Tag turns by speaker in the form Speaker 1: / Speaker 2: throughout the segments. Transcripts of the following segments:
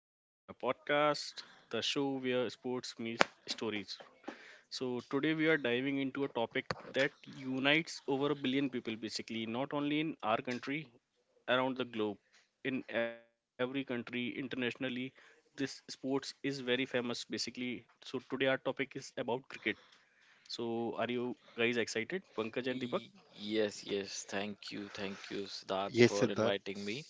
Speaker 1: Welcome to my podcast, the show where sports meets stories. So, today we are diving into a topic that unites over a billion people basically, not only in our country, around the globe, in every country internationally. This sports is very famous basically. So, today our topic is about cricket. So, are you guys excited, Pankaj
Speaker 2: Y-
Speaker 1: and Deepak?
Speaker 2: Yes, yes. Thank you. Thank you, Siddharth,
Speaker 3: Yes,
Speaker 2: for
Speaker 3: Siddharth.
Speaker 2: inviting me.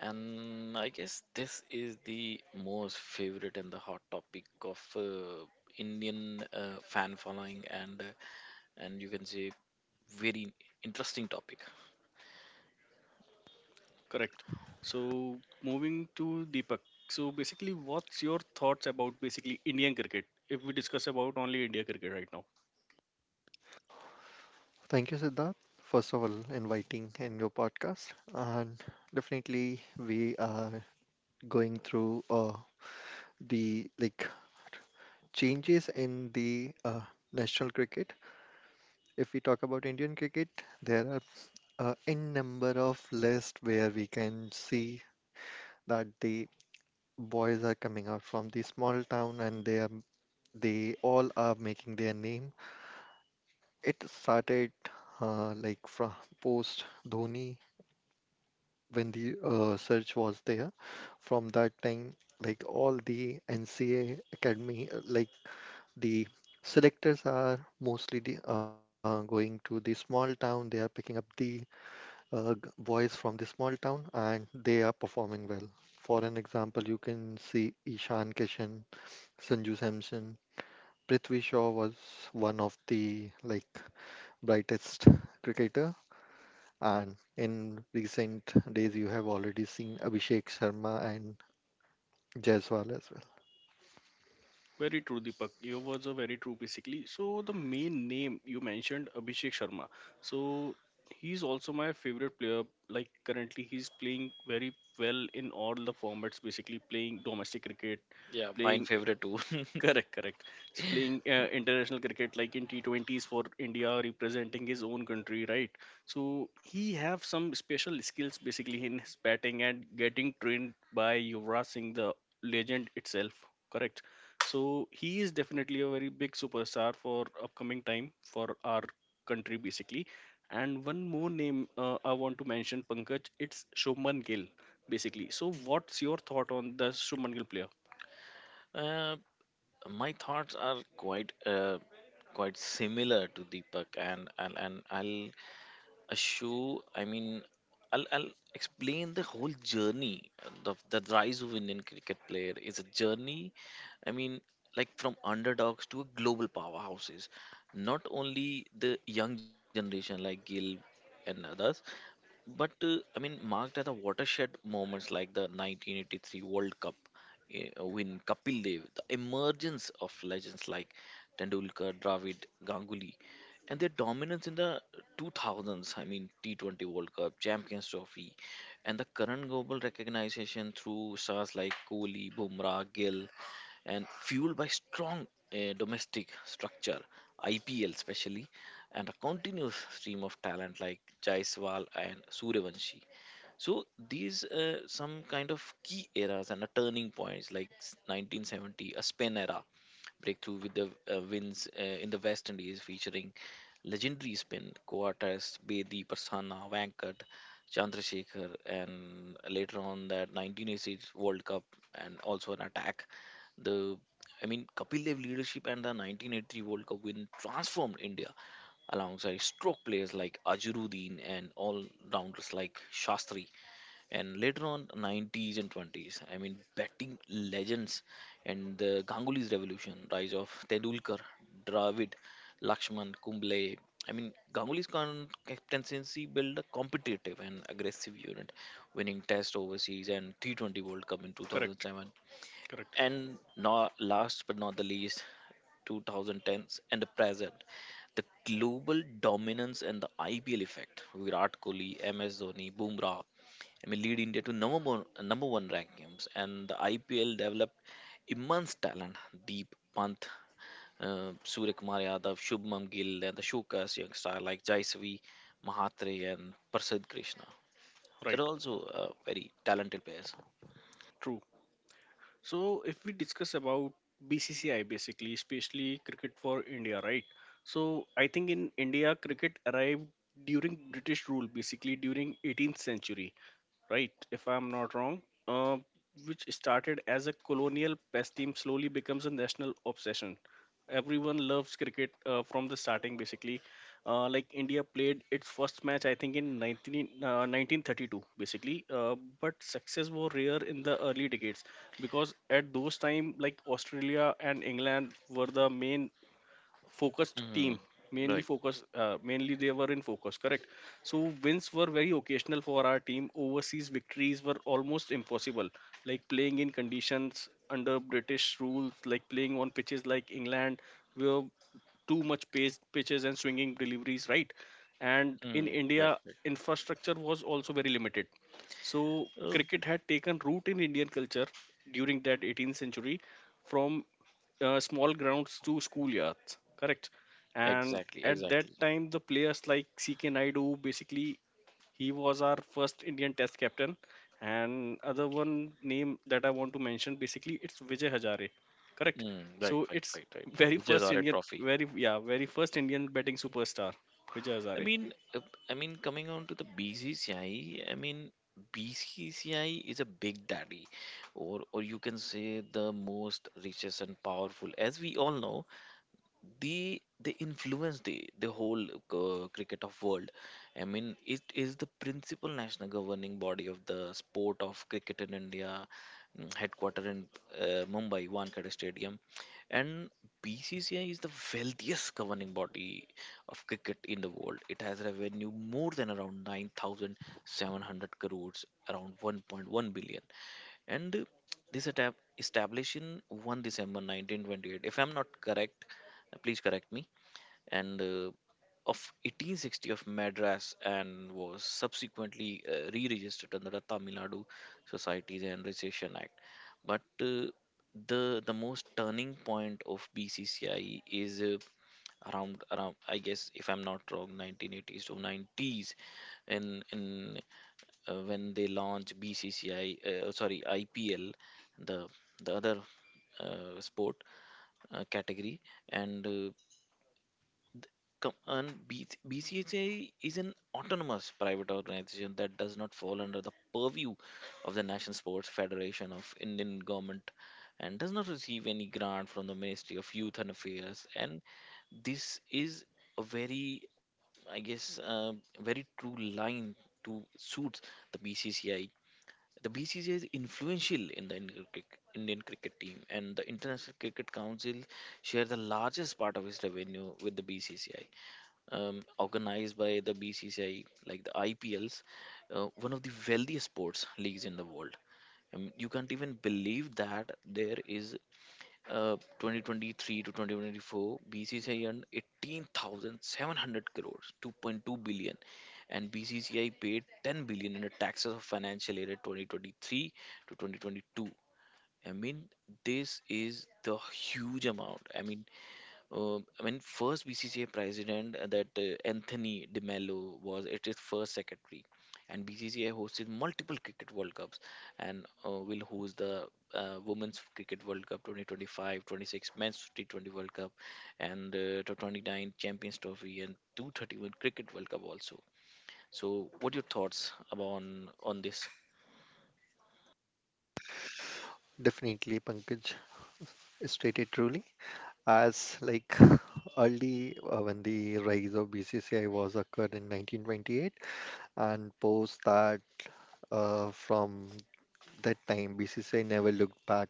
Speaker 2: And I guess this is the most favorite and the hot topic of Indian fan following and you can say very interesting topic.
Speaker 1: Correct. So moving to Deepak. So basically, what's your thoughts about basically Indian cricket? If we discuss about only India cricket right now,
Speaker 3: Thank you, Siddharth, first of all, inviting in your podcast. And definitely, we are going through the like changes in the national cricket. If we talk about Indian cricket, there are n number of lists where we can see that the boys are coming out from the small town, and they all are making their name. It started like from post Dhoni, when the search was there. From that time, like all the NCA academy, like the selectors are mostly going to the small town. They are picking up the boys from the small town, and they are performing well. For an example, you can see Ishan Kishan, Sanju Samson. Prithvi Shaw was one of the like brightest cricketer, and in recent days, you have already seen Abhishek Sharma and Jaiswal as well.
Speaker 1: very true, Deepak. Your words are very true, basically. So the main name you mentioned, Abhishek Sharma. So he's also my favorite player. Like currently, he's playing very well in all the formats. Basically, playing domestic cricket,
Speaker 2: Yeah, mine
Speaker 1: playing
Speaker 2: favorite too.
Speaker 1: correct, correct. He's playing international cricket like in T20s for India, representing his own country, right? So he have some special skills basically in his batting and getting trained by Yuvraj Singh, the legend itself. Correct. So he is definitely a very big superstar for upcoming time for our country basically. And one more name I want to mention, Pankaj. It's Shubman Gill basically. So what's your thought on the Shubman Gill player?
Speaker 2: uh, my thoughts are quite similar to Deepak, and I'll a show I mean I'll explain the whole journey of the rise of Indian cricket player. Is a journey, I mean, like from underdogs to global powerhouses, not only the young generation like Gill and others, but I mean, marked as a watershed moments like the 1983 World Cup win, Kapil Dev, the emergence of legends like Tendulkar, Dravid, Ganguly, and their dominance in the 2000s. I mean, T20 World Cup, Champions Trophy, and the current global recognition through stars like Kohli, Bumrah, Gill, and fueled by strong domestic structure, IPL especially, and a continuous stream of talent like Jaiswal and Suryavanshi. So these some kind of key eras and a turning points like 1970, a Spain era, breakthrough with the wins in the West Indies, featuring legendary spin co-artists Bedi, Prasanna, Vankat, Chandrasekhar, and later on that 1986 World Cup, and also an attack. The Kapil Dev leadership and the 1983 World Cup win transformed India, alongside stroke players like Ajaruddin and all rounders like Shastri, and later on 90s and 20s, I mean, batting legends and the Ganguly's revolution, rise of Tendulkar, Dravid, Lakshman, Kumble. I mean, Ganguly's captaincy built a competitive and aggressive unit, winning test overseas and T20 World Cup in
Speaker 1: Correct,
Speaker 2: 2007.
Speaker 1: correct.
Speaker 2: And not last but not the least, 2010s and the present, the global dominance and the IPL effect. Virat Kohli, MS Dhoni, Bumrah, I mean, lead India to number one rankings, and the IPL developed immense talent. Deep Pant, Surya Kumar Yadav, Shubman Gill, and the Shukas young star like Jaisavi Mahatre and Prasad Krishna. They're
Speaker 1: Right,
Speaker 2: also very talented players.
Speaker 1: true. So if we discuss about BCCI basically, especially cricket for India, right? So I think in India, cricket arrived during British rule, basically during 18th century, right? If I'm not wrong, uh, which started as a colonial pastime, slowly becomes a national obsession, everyone loves cricket from the starting basically like India played its first match I think in 1932 basically but success were rare in the early decades, because at those time like Australia and England were the main focused
Speaker 2: Mm,
Speaker 1: team, mainly
Speaker 2: right.
Speaker 1: focus mainly they were in focus, correct. So wins were very occasional for our team. Overseas victories were almost impossible, like playing in conditions under British rules, like playing on pitches like England were too much pace, pitches and swinging deliveries, right? And in
Speaker 2: Mm,
Speaker 1: India
Speaker 2: right.
Speaker 1: infrastructure was also very limited. So
Speaker 2: Right.
Speaker 1: cricket had taken root in Indian culture during that 18th century, from small grounds to schoolyards, correct? And
Speaker 2: Exactly.
Speaker 1: at that
Speaker 2: Exactly.
Speaker 1: time, the players like CK Naidu, basically, he was our first Indian Test captain. And other one name that I want to mention, basically, it's Vijay Hazare, correct?
Speaker 2: Mm, right.
Speaker 1: So
Speaker 2: Right.
Speaker 1: it's
Speaker 2: Right. Right.
Speaker 1: very
Speaker 2: Which is
Speaker 1: first
Speaker 2: our
Speaker 1: Indian,
Speaker 2: trophy.
Speaker 1: very yeah, very first Indian batting superstar, Vijay
Speaker 2: I
Speaker 1: Hazare.
Speaker 2: mean, uh, I mean, coming on to the BCCI, I mean, BCCI is a big daddy, or you can say the most richest and powerful. As we all know, they they influence the whole cricket of world. I mean, it is the principal national governing body of the sport of cricket in India, headquartered in Mumbai Wankhede Stadium, and BCCI is the wealthiest governing body of cricket in the world. It has revenue more than around 9,700 crores, around 1.1 billion. And this attack established in 1 December 1928, if I'm not correct, please correct me, and of 1860 of Madras, and was subsequently re-registered under the Tamil Nadu Societies and Recession Act. But the the most turning point of BCCI is, around I guess, if I'm not wrong, 1980s to 90s, in in when they launch BCCI, oh, sorry, IPL, the the other sport category. And uh, com- and B- BCCI is an autonomous private organization that does not fall under the purview of the National Sports Federation of Indian government, and does not receive any grant from the Ministry of Youth and Affairs. And this is a very, I guess, very true line to suit the BCCI. The BCCI is influential in the Indian cricket team, and the International Cricket Council share the largest part of its revenue with the BCCI. Organized by the BCCI, like the IPLs, one of the wealthiest sports leagues in the world. You can't even believe that there is, 2023 to 2024, BCCI earned 18,700 crores, 2.2 billion, and BCCI paid 10 billion in the taxes of financial year 2023 to 2022. I mean, this is the huge amount. I mean, first BCCI president, that Anthony De Mello was it is first secretary, and BCCI hosted multiple cricket World Cups, and will host the Women's Cricket World Cup 2025, 26 Men's T20 World Cup, and to 29 Champions Trophy and 231 Cricket World Cup also. So, what your thoughts about on this?
Speaker 3: Definitely, Pankaj stated truly. As like early, when the rise of BCCI was occurred in 1928, and post that, from that time, BCCI never looked back.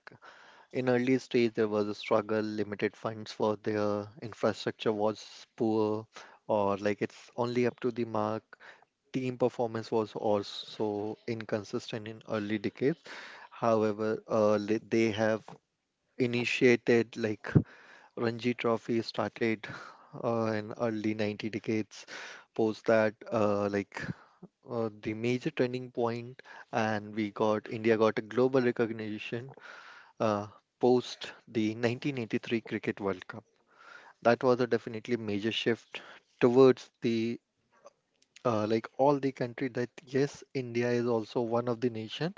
Speaker 3: In early stage, there was a struggle, limited funds for their infrastructure was poor, or like it's only up to the mark. Team performance was also inconsistent in early decades. However, they have initiated like Ranji Trophy started in early 90 decades. Post that, like the major turning point, and we got India got a global recognition uh, post the 1983 Cricket World Cup. That was a definitely major shift towards the like all the country, that yes, India is also one of the nation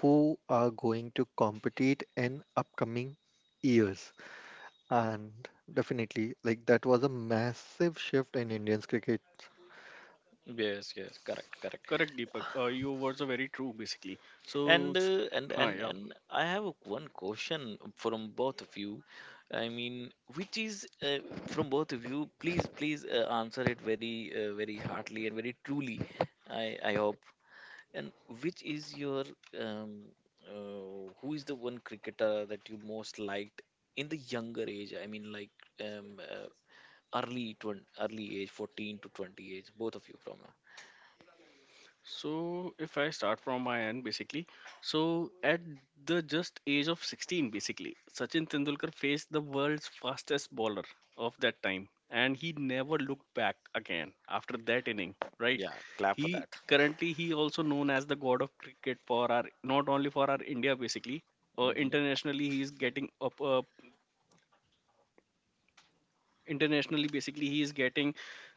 Speaker 3: who are going to compete in upcoming years. And definitely like that was a massive shift in Indians cricket.
Speaker 2: Yes, yes, correct, correct.
Speaker 1: Correct, Deepak. Your words are very true, basically. So,
Speaker 2: And
Speaker 1: s-
Speaker 2: uh, and
Speaker 1: huh,
Speaker 2: and
Speaker 1: yeah.
Speaker 2: and I have one question from both of you. I mean, which is, from both of you. Please, please, answer it very, very heartily and very truly. I hope. And which is your um, who is the one cricketer that you most liked in the younger age? I mean, like, um, uh, early age, 14 to 20 age. Both of you from
Speaker 1: So if I start from my end, basically, so at the just age of 16, basically, Sachin Tendulkar faced the world's fastest bowler of that time, and he never looked back again after that inning. Right?
Speaker 2: yeah, clap for
Speaker 1: He
Speaker 2: that.
Speaker 1: currently he also known as the god of cricket for our not only for our India basically,
Speaker 2: Hmm.
Speaker 1: internationally he is getting up. Internationally basically he is getting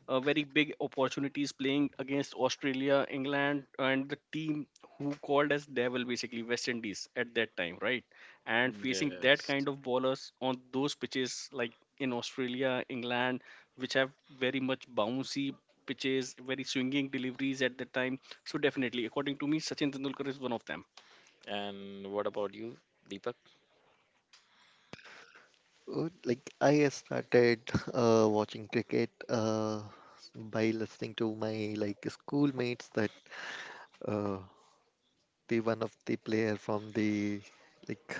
Speaker 1: very big opportunities, playing against Australia, England, and the team who called as devil basically West Indies at that time, right? And facing that
Speaker 2: Yes.
Speaker 1: kind of bowlers on those pitches like in Australia, England, which have very much bouncy pitches, very swinging deliveries at that time. So definitely according to me, Sachin Tendulkar is one of them.
Speaker 2: And what about you, Deepak?
Speaker 3: Like I started watching cricket uh, by listening to my like schoolmates that uh, the one of the player from the like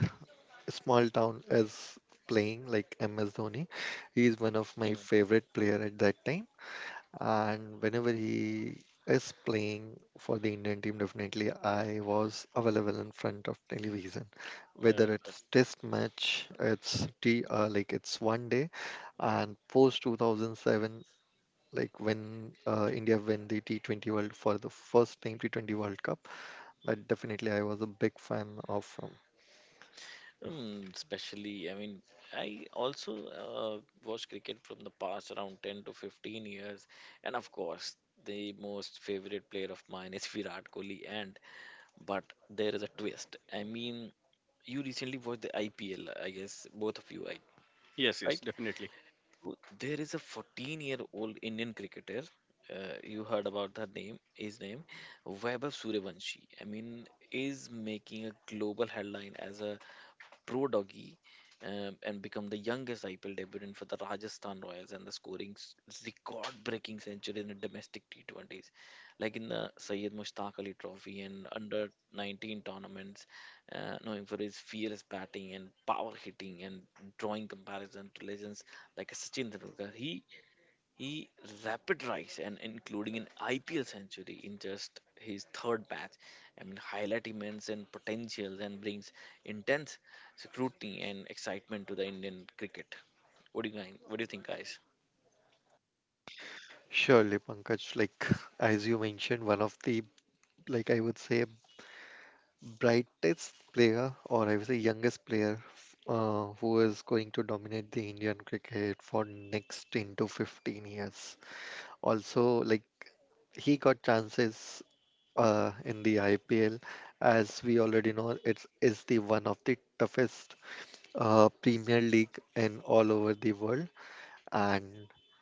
Speaker 3: small town is playing like MS Dhoni. He is
Speaker 2: Mm,
Speaker 3: one of my favorite player at that time, and whenever he is playing for the Indian team, definitely I was available in front of television,
Speaker 2: yeah,
Speaker 3: whether
Speaker 2: that's,
Speaker 3: it's test match, it's t like it's one day. And post 2007, like when India win the T20 world for the first time T20 World Cup. But definitely I was a big fan of him.
Speaker 2: especially, I mean, I also watch cricket from the past around 10 to 15 years. And of course, the most favorite player of mine is Virat Kohli. And but there is a twist. I mean, you recently watched the IPL, I guess, both of you,
Speaker 1: Yes, yes,
Speaker 2: right?
Speaker 1: definitely.
Speaker 2: So there is a 14-year-old Indian cricketer. You heard about her name, his name, Vaibhav Suryavanshi. I mean, is making a global headline as a pro doggy, and become the youngest IPL debutant for the Rajasthan Royals, and the scoring record-breaking century in a domestic T20s, like in the Sayed Mushtaq Ali Trophy and under 19 tournaments, knowing for his fearless batting and power hitting and drawing comparison to legends like Sachin Tendulkar. He rapid rise and including an IPL century in just his third match. I mean, highlight immense and potentials and brings intense scrutiny and excitement to the Indian cricket. What do you guys? What do you think, guys?
Speaker 3: Surely, Pankaj, like as you mentioned, one of the like I would say brightest player, or I would say youngest player, who is going to dominate the Indian cricket for next 10 to 15 years. Also, like he got chances in the IPL. As we already know, it's is the one of the toughest Premier League in all over the world, and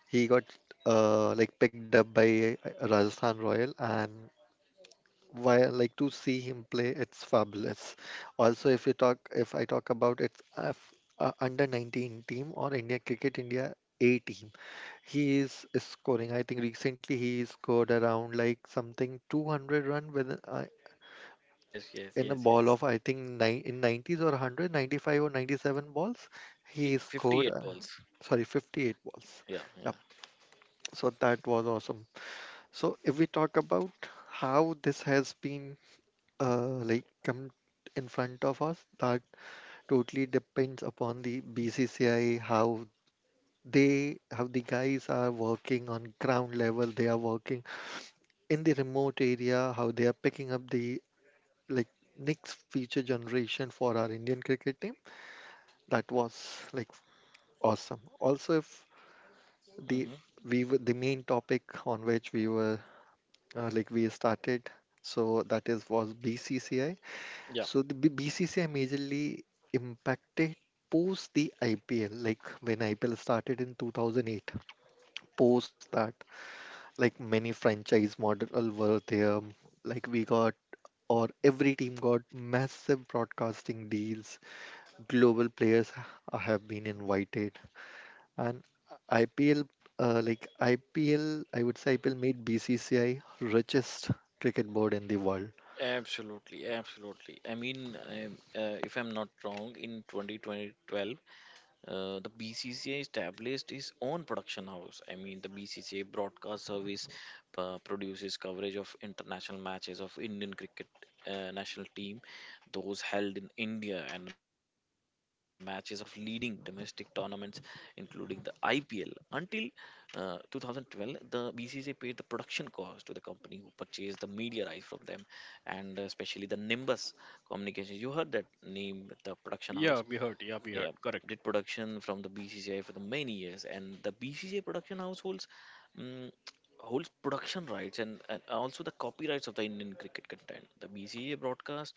Speaker 3: he got like picked up by Rajasthan Royal, and while like to see him play it's fabulous. Also, if you talk, if I talk about its under 19 team, or India Cricket, India A team. He is scoring, I think recently he scored around like something 200 run with,
Speaker 2: Yes, yes,
Speaker 3: in a
Speaker 2: yes,
Speaker 3: ball
Speaker 2: yes.
Speaker 3: of I think nine, in 90s or 100 95 or 97 balls he scored,
Speaker 2: 58 balls.
Speaker 3: sorry, 58 balls.
Speaker 2: Yeah, yeah.
Speaker 3: Yeah, so that was awesome. So if we talk about how this has been like come in front of us, that totally depends upon the BCCI, how the guys are working on ground level. They are working in the remote area, how they are picking up the like next future generation for our Indian cricket team. That was like awesome. Also, if the
Speaker 2: Mm-hmm.
Speaker 3: we were the main topic on which we were, like we started. So that is was BCCI.
Speaker 2: Yeah,
Speaker 3: So the BCCI majorly impacted post the IPL, like when IPL started in 2008. Post that, like many franchise model were there. Like we got or every team got massive broadcasting deals. Global players have been invited, and IPL, like IPL, I would say IPL made BCCI richest cricket board in the world.
Speaker 2: absolutely, absolutely. I mean, if I'm not wrong, in 2012, the BCCI established its own production house. I mean, the BCCI broadcast service produces coverage of international matches of Indian cricket national team, those held in India, and matches of leading domestic tournaments, including the IPL. Until 2012, the BCCI paid the production cost to the company who purchased the media rights from them, and especially the Nimbus Communications. You heard that name, the production
Speaker 1: Yeah,
Speaker 2: house.
Speaker 1: we heard, yeah, we
Speaker 2: Yeah,
Speaker 1: heard, correct.
Speaker 2: did production from the BCCI for the many years, and the BCCI production house mm holds production rights and also the copyrights of the Indian cricket content. The BCCI broadcast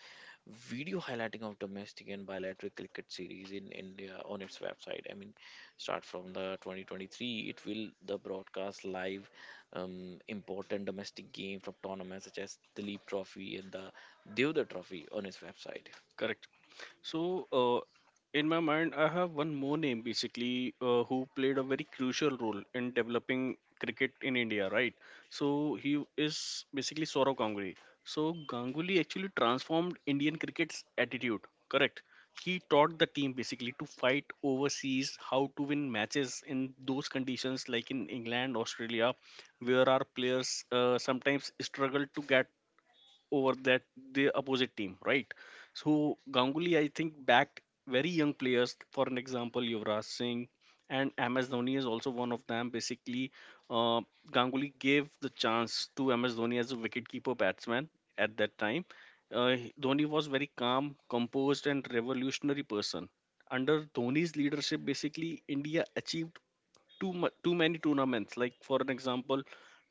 Speaker 2: video highlighting of domestic and bilateral cricket series in India on its website. I mean, start from the 2023, it will the broadcast live, important domestic game from tournaments such as the Leap Trophy and the Devda Trophy on its website.
Speaker 1: Correct. So, in my mind, I have one more name basically who played a very crucial role in developing cricket in India, right? So, he is basically Sourav Ganguly. So, Ganguly actually transformed Indian cricket's attitude, correct? He taught the team basically to fight overseas, how to win matches in those conditions, like in England, Australia, where our players sometimes struggle to get over that the opposite team, right? So Ganguly, I think, backed very young players. For an example, Yuvraj Singh and MS Dhoni is also one of them. Basically, uh, Ganguly gave the chance to MS Dhoni as a wicketkeeper batsman at that time. Dhoni was very calm, composed, and revolutionary person. Under Dhoni's leadership, basically India achieved too many tournaments. Like for an example,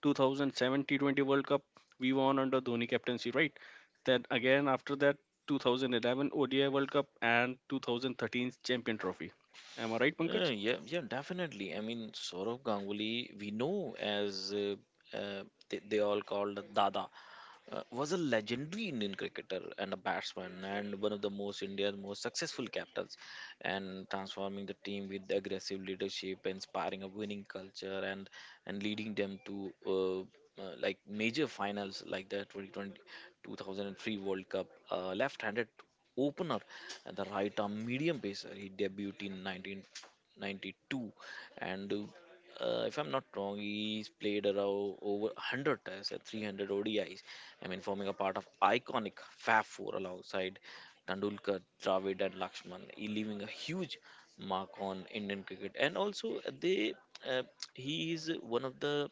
Speaker 1: 2007 T20 World Cup we won under Dhoni captaincy, right? Then again after that 2011 ODI World Cup and 2013 Champion Trophy. Am I right, Pankaj?
Speaker 2: Yeah, yeah, definitely. I mean, Saurav Ganguly, we know as uh, they all called Dada, was a legendary Indian cricketer and a batsman, and one of the most India's most successful captains, and transforming the team with aggressive leadership, inspiring a winning culture, and leading them to like major finals like the 2020, 2003 World Cup. Left-handed opener and the right arm medium pacer. He debuted in 1992, and if I'm not wrong, he's played around over 100 tests and 300 ODIs. I mean, forming a part of iconic Fab Four alongside Tendulkar, Dravid, and Lakshman, he leaving a huge mark on Indian cricket. And also, they uh, he is one of the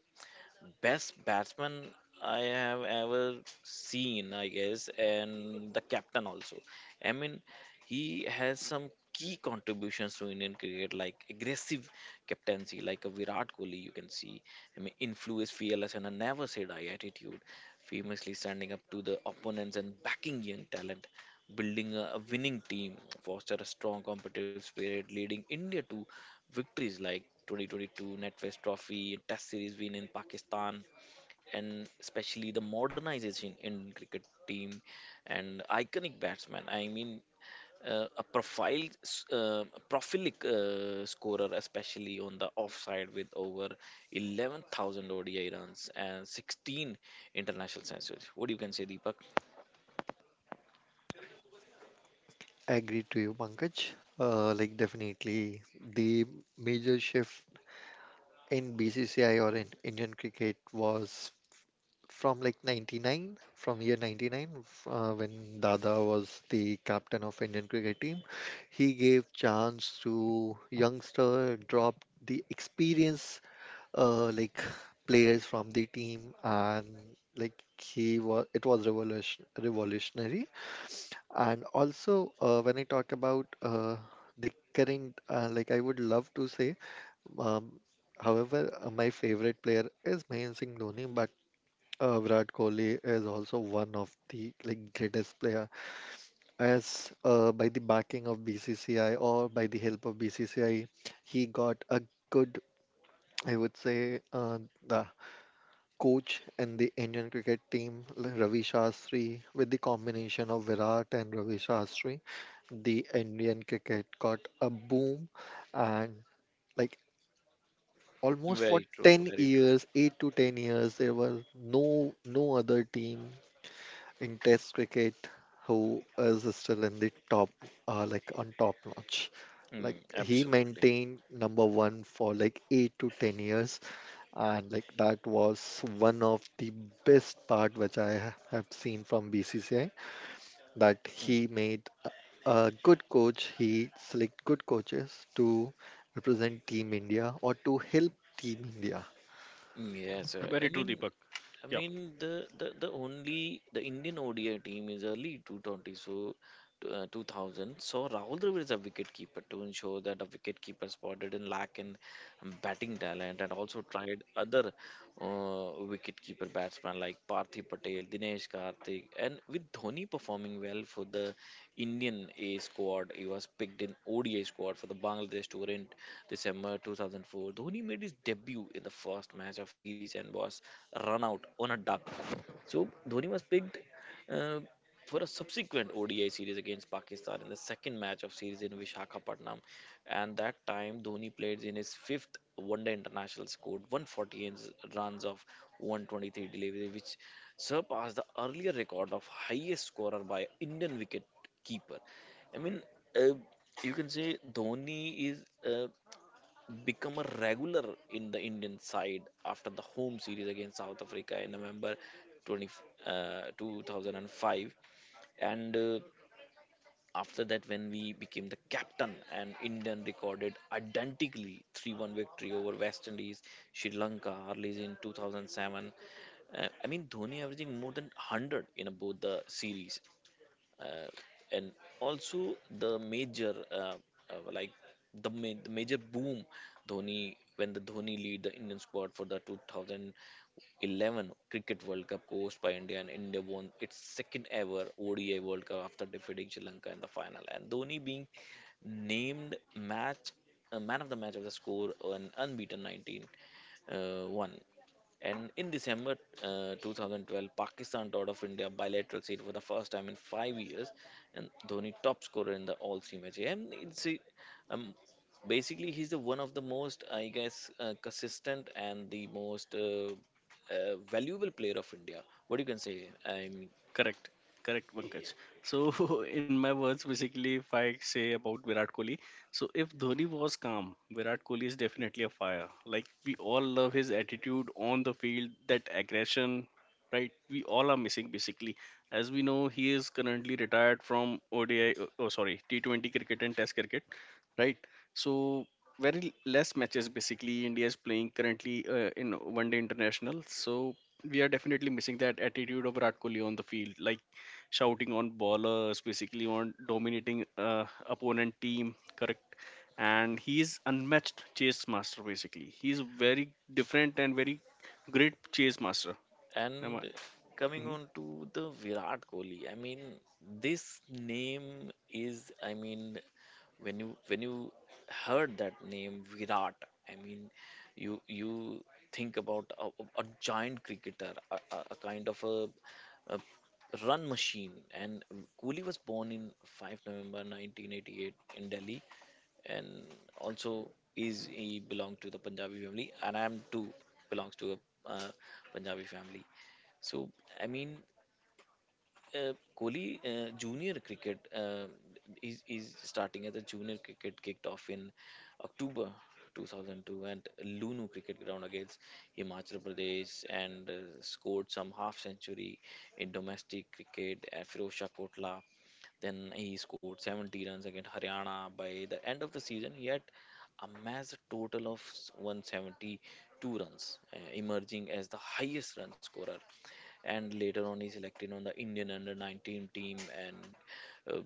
Speaker 2: best batsman I have ever seen, I guess, and the captain also. I mean, he has some key contributions to Indian cricket, like aggressive captaincy, like a Virat Kohli, you can see. I mean, influence, fearless, and a never say die attitude, famously standing up to the opponents and backing young talent. Building a winning team, foster a strong competitive spirit, leading India to victories like 2022 NetFest Trophy, Test Series win in Pakistan, and especially the modernization in cricket team and iconic batsman. I mean, a prolific scorer, especially on the offside with over 11,000 ODI runs and 16 international centuries. What do you can say, Deepak?
Speaker 3: I agree to you, Pankaj. Like definitely, the major shift in BCCI or in Indian cricket was from like 99, from year 99, when Dada was the captain of Indian cricket team. He gave chance to youngster, dropped the experience, like players from the team, and like it was revolutionary. And also, when I talk about the current, like I would love to say, um, however, my favorite player is Mahendra Singh Dhoni, but Virat Kohli is also one of the like greatest player. As by the backing of BCCI, or by the help of BCCI, he got a good, I would say, the coach and the Indian cricket team, Ravi Shastri. With the combination of Virat and Ravi Shastri, the Indian cricket got a boom, and like almost for
Speaker 2: Very true,
Speaker 3: 10
Speaker 2: very true.
Speaker 3: years, 8 to 10 years, there were no other team in test cricket who is still in the top, like on top notch. Like
Speaker 2: Mm,
Speaker 3: he
Speaker 2: absolutely.
Speaker 3: maintained number one for like 8 to 10 years, and like that was one of the best part which I have seen from BCCI, that
Speaker 2: Mm.
Speaker 3: he made a good coach. He select good coaches to represent Team India or to help Team India.
Speaker 2: Mm, yes,
Speaker 1: Very true, Deepak.
Speaker 2: I
Speaker 1: Yeah.
Speaker 2: mean the only the Indian ODI team is early 220 so, 2000 so Rahul Dravid is a wicketkeeper to ensure that a wicketkeeper spotted in lack in, batting talent, and also tried other uh, wicketkeeper batsmen like Parthiv Patel, Dinesh Karthik, and with Dhoni performing well for the Indian A squad, he was picked in ODI squad for the Bangladesh tour in December 2004. Dhoni made his debut in the first match of series and was run out on a duck. So Dhoni was picked uh, for a subsequent ODI series against Pakistan in the second match of series in Vishakhapatnam. And that time, Dhoni played in his fifth one-day international, scored 148 runs of 123 delivery, which surpassed the earlier record of highest scorer by Indian wicket keeper. I mean, uh, you can say Dhoni is become a regular in the Indian side after the home series against South Africa in November 20, 2005, and after that, when we became the captain and Indian recorded identically 3-1 victory over West Indies, Sri Lanka, Arlies in 2007. Dhoni averaging more than 100 in both the series uh, and also the major uh, like the major boom Dhoni when the Dhoni lead the Indian squad for the 2011 Cricket World Cup coached by India, and India won its second ever ODI World Cup after defeating Sri Lanka in the final, and Dhoni being named match, man of the match of the score an unbeaten 19 one. And in December 2012, Pakistan taught off India bilateral seed for the first time in 5 years, and Dhoni top scorer in the all three matches. Um, Basically he's the one of the most, I guess, consistent and the most valuable player of India. What you can say? I mean,
Speaker 1: Correct, correct, Pankaj. So, in my words, basically, if I say about Virat Kohli, so if Dhoni was calm, Virat Kohli is definitely a fire. Like we all love his attitude on the field, that aggression, right? We all are missing basically. As we know, he is currently retired from ODI. Oh, sorry, T20 cricket and Test cricket, right? So very less matches basically India is playing currently in one day international. So we are definitely missing that attitude of Virat Kohli on the field, like shouting on ballers, basically on dominating opponent team. Correct. And he is unmatched chase master basically. He is very different and very great chase master. Am I?
Speaker 2: and coming
Speaker 1: Mhm.
Speaker 2: on to the Virat Kohli, I mean, this name is, I mean, when you heard that name Virat, I mean, you think about a, a giant cricketer, a, a kind of a run machine. And Kohli was born in 5 November 1988 in Delhi, and also is he belong to the Punjabi family, and I am too belongs to a uh, Punjabi family. So I mean, uh, Kohli junior cricket is starting as a junior cricket kicked off in October 2002 at Lunu cricket ground against Himachal Pradesh, and scored some half century in domestic cricket at Firoz Shah Kotla, then he scored 70 runs against Haryana. By the end of the season, he had amassed a total of 172 runs, emerging as the highest run scorer, and later on he selected on the Indian under 19 team and uh,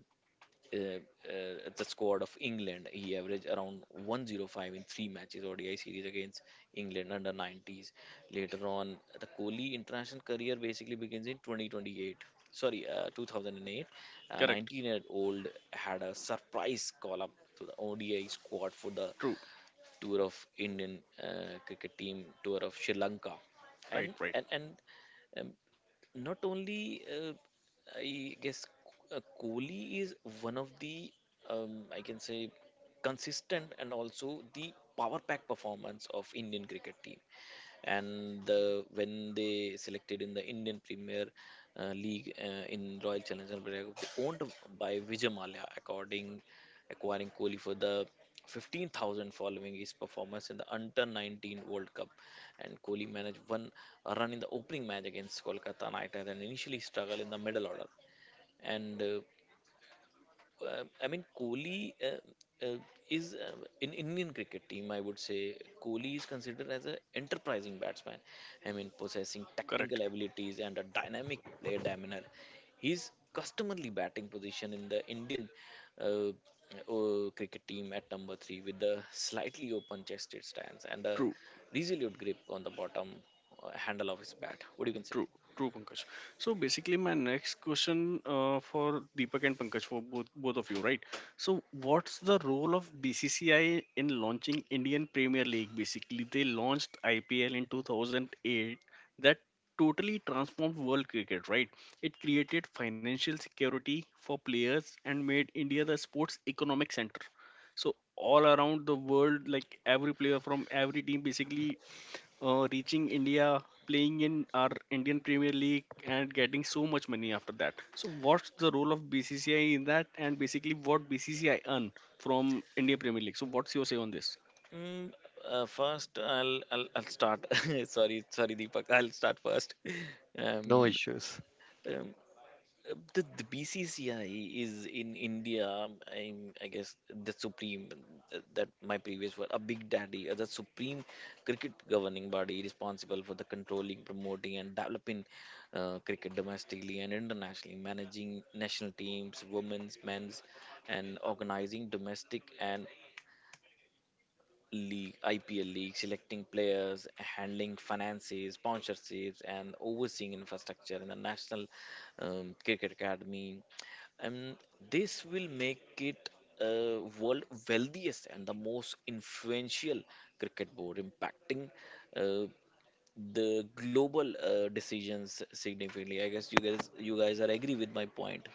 Speaker 2: uh, the squad of England. He averaged around 105 in three matches ODI series against England under 90s. Later on, the Kohli international career basically begins in 2028. Sorry, 2008. A
Speaker 1: Correct.
Speaker 2: 19-year-old had a surprise call-up to the ODI squad for the
Speaker 1: True.
Speaker 2: tour of Indian cricket team tour of Sri Lanka,
Speaker 1: Right. Right.
Speaker 2: and and. Um, not only I guess Kohli is one of the, I can say, consistent and also the power pack performance of Indian cricket team. And when they selected in the Indian Premier League in Royal Challengers Bangalore, they owned by Vijay Mallya, according acquiring Kohli for the 15,000 following his performance in the Under 19 World Cup. And Kohli managed one run in the opening match against Kolkata Knight Riders and initially struggled in the middle order. And I mean, Kohli is in Indian cricket team. I would say Kohli is considered as an enterprising batsman. I mean, possessing
Speaker 1: Correct.
Speaker 2: technical abilities and a dynamic player demeanor. His customarily batting position in the Indian uh, cricket team at number three, with the slightly open-chested stance and a
Speaker 1: True.
Speaker 2: resolute grip on the bottom handle of his bat. What do you can say?
Speaker 1: True, true, Pankaj. So basically, my next question for Deepak and Pankaj, for both of you, right? So what's the role of BCCI in launching Indian Premier League? Basically, they launched IPL in 2008. That totally transformed world cricket, right? It created financial security for players and made India the sports economic center. So all around the world, like every player from every team basically reaching India, playing in our Indian Premier League, and getting so much money after that. So, what's the role of BCCI in that, and basically what BCCI earn from India Premier League? So, what's your say on this?
Speaker 2: Mm, First, I'll start. Sorry, sorry, Deepak. I'll start first.
Speaker 3: No
Speaker 2: Um,
Speaker 3: issues.
Speaker 2: um, the BCCI is in India. I guess the supreme, that my previous word, a big daddy, the supreme cricket governing body responsible for the controlling, promoting, and developing cricket domestically and internationally, managing national teams, women's, men's, and organizing domestic and league, IPL league, selecting players, handling finances, sponsorships, and overseeing infrastructure in the National Cricket Academy. And this will make it world wealthiest and the most influential cricket board, impacting uh, the global decisions significantly. I guess you guys are agree with my point.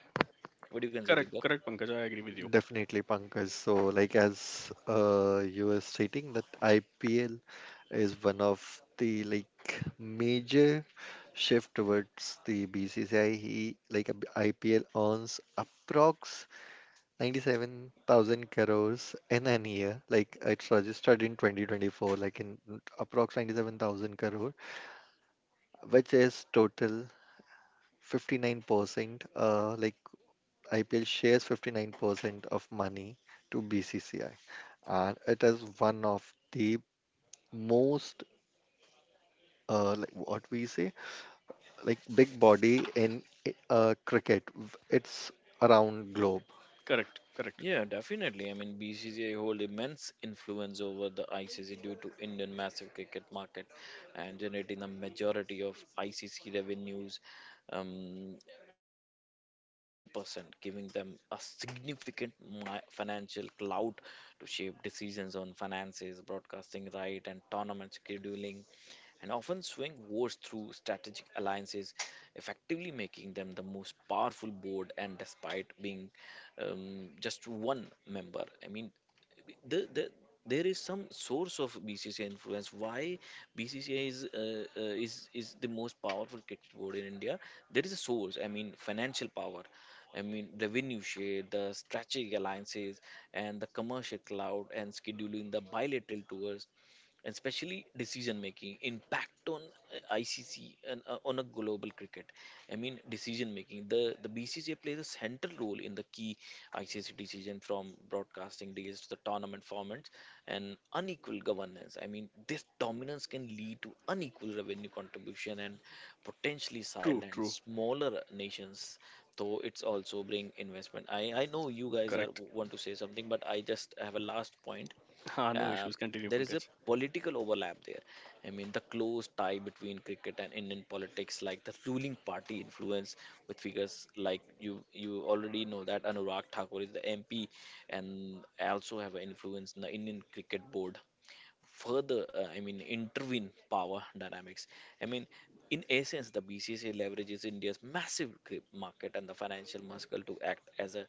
Speaker 2: What do you can say,
Speaker 1: Correct,
Speaker 2: Divya?
Speaker 1: correct, Pankaj. I agree with you.
Speaker 3: Definitely, Pankaj. So, like as, you were stating, that IPL is one of the like major shift towards the BCCI. He like IPL earns approx 97,000 crores in an year. Like it's registered in 2024, like in approx 97,000 crore, which is total 59%. Like IPL shares 59% of money to BCCI, and it is one of the most, like what we say, like big body in cricket. It's around globe.
Speaker 1: Correct, correct.
Speaker 2: Yeah, definitely. I mean, BCCI hold immense influence over the ICC due to Indian massive cricket market and generating the majority of ICC revenues, um, around 70%, giving them a significant mi- financial clout to shape decisions on finances, broadcasting right, and tournament scheduling, and often swing wars through strategic alliances, effectively making them the most powerful board. And despite being just one member, I mean, the, the there is some source of BCCI influence. Why BCCI is the most powerful cricket board in India? There is a source. I mean, financial power. I mean, revenue share, the strategic alliances, and the commercial cloud, and scheduling the bilateral tours, and especially decision making impact on ICC and on a global cricket. I mean decision making. The BCCI plays a central role in the key ICC decision from broadcasting deals to the tournament formats and unequal governance. I mean this dominance can lead to unequal revenue contribution and potentially
Speaker 1: True,
Speaker 2: silent
Speaker 1: true,
Speaker 2: smaller nations, though it's also bring investment. I know you guys are
Speaker 1: correct.
Speaker 2: want to say something, but I just have a last point.
Speaker 1: Ah, no
Speaker 2: uh,
Speaker 1: issues. Continue,
Speaker 2: there is a
Speaker 1: Pankaj.
Speaker 2: political overlap there. I mean, the close tie between cricket and Indian politics, like the ruling party influence with figures like you already know that Anurag Thakur is the MP and also have an influence in the Indian cricket board further. I mean intervene power dynamics. I mean, in essence the BCCI leverages India's massive grip market and the financial muscle to act as a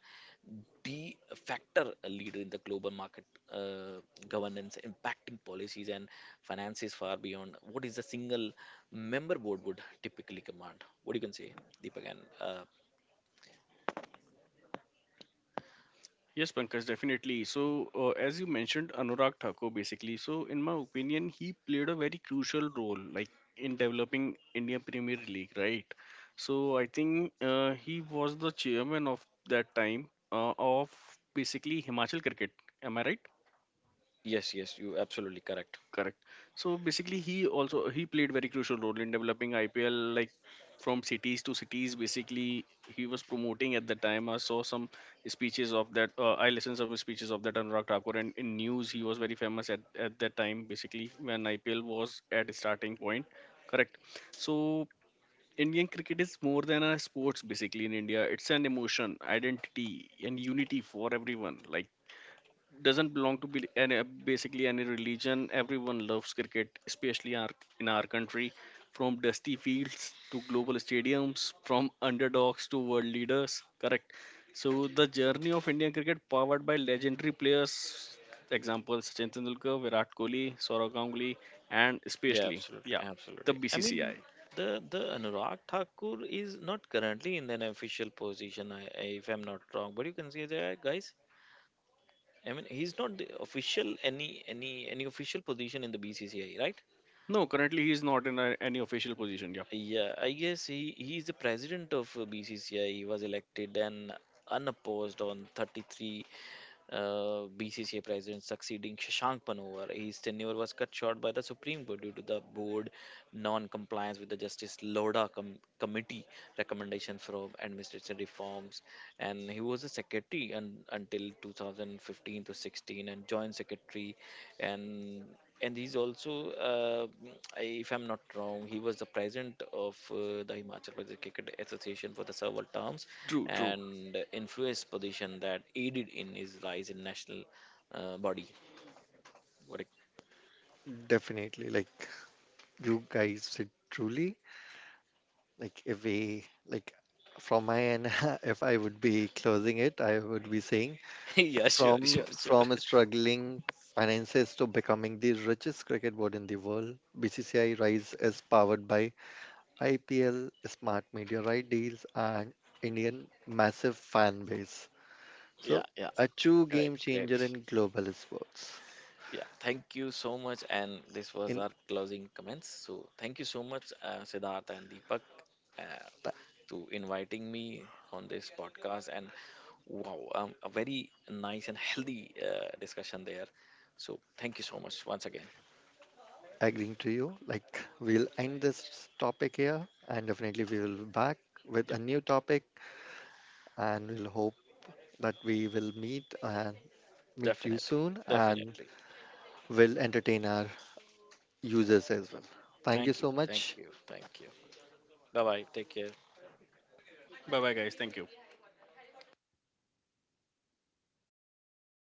Speaker 2: de factor leader in the global market uh, governance, impacting policies and finances far beyond what is a single member board would typically command. What do you can say, Deepak? And uh,
Speaker 1: Yes, Pankaj, definitely. So, as you mentioned, Anurag Thakur, basically. So, in my opinion, he played a very crucial role, like in developing India Premier League, right? So, I think he was the chairman of that time of basically Himachal Cricket. Am I right?
Speaker 2: yes, yes, you absolutely correct.
Speaker 1: Correct. So basically, he also he played very crucial role in developing IPL like from cities to cities. Basically, he was promoting at the time. I saw some speeches of that. I listened some speeches of that Anurag Thakur, and in news he was very famous at that time. Basically, when IPL was at its starting point. Correct. So. Indian cricket is more than a sports basically in India. It's an emotion, identity, and unity for everyone. Like doesn't belong to be any, basically any religion. Everyone loves cricket, especially our, in our country. From dusty fields to global stadiums, from underdogs to world leaders. Correct. So the journey of Indian cricket, powered by legendary players, example Sachin Tendulkar, Virat Kohli, Saurav Ganguly, and
Speaker 2: Yeah,
Speaker 1: especially
Speaker 2: absolutely,
Speaker 1: yeah, the
Speaker 2: absolutely. I mean,
Speaker 1: BCCI.
Speaker 2: the Anurag Thakur is not currently in an official position, if I'm not wrong. But you can see there, guys. I mean, he's not the official any official position in the BCCI, right?
Speaker 1: No, currently he is not in a, any official position. Yeah,
Speaker 2: Yeah, I guess he is the president of BCCI. He was elected and unopposed on 33. BCCI president succeeding Shashank Manohar. His tenure was cut short by the Supreme Court due to the board non-compliance with the Justice Loda com- committee recommendation for administration reforms. And he was a secretary un- until 2015 to 16 and joint secretary, and and he's also, I- if I'm not wrong, he was the president of the Himachal Pradesh Cricket Association for the several terms,
Speaker 1: true, true.
Speaker 2: and influenced position that aided in his rise in national body. What? A,
Speaker 3: Definitely, like you guys did truly. Like if we like from my end, if I would be closing it, I would be saying
Speaker 2: yeah, sure, sure,
Speaker 3: from
Speaker 2: sure.
Speaker 3: struggling finances to becoming the richest cricket board in the world, BCCI Rise is powered by IPL, smart media right deals, and Indian massive fan base.
Speaker 2: Yeah,
Speaker 3: So
Speaker 2: yeah,
Speaker 3: a true
Speaker 2: great,
Speaker 3: game
Speaker 2: great.
Speaker 3: changer in global sports.
Speaker 2: Yeah, thank you so much. And this was
Speaker 3: In
Speaker 2: our closing comments. So thank you so much, Siddharth and Deepak, uh,
Speaker 3: th-
Speaker 2: to inviting me on this podcast. And wow, a very nice and healthy discussion there. So thank you so much once again.
Speaker 3: Agreeing to you, like we'll end this topic here, and definitely we will back with
Speaker 2: Yeah,
Speaker 3: a new topic, and we'll hope that we will meet and meet you
Speaker 2: definitely,
Speaker 3: soon, and
Speaker 2: definitely.
Speaker 3: will entertain our users as well. Thank you
Speaker 2: Thank you,
Speaker 3: so
Speaker 2: thank
Speaker 3: much.
Speaker 2: you, thank you. Bye bye. Take care.
Speaker 1: Bye bye guys. Thank you.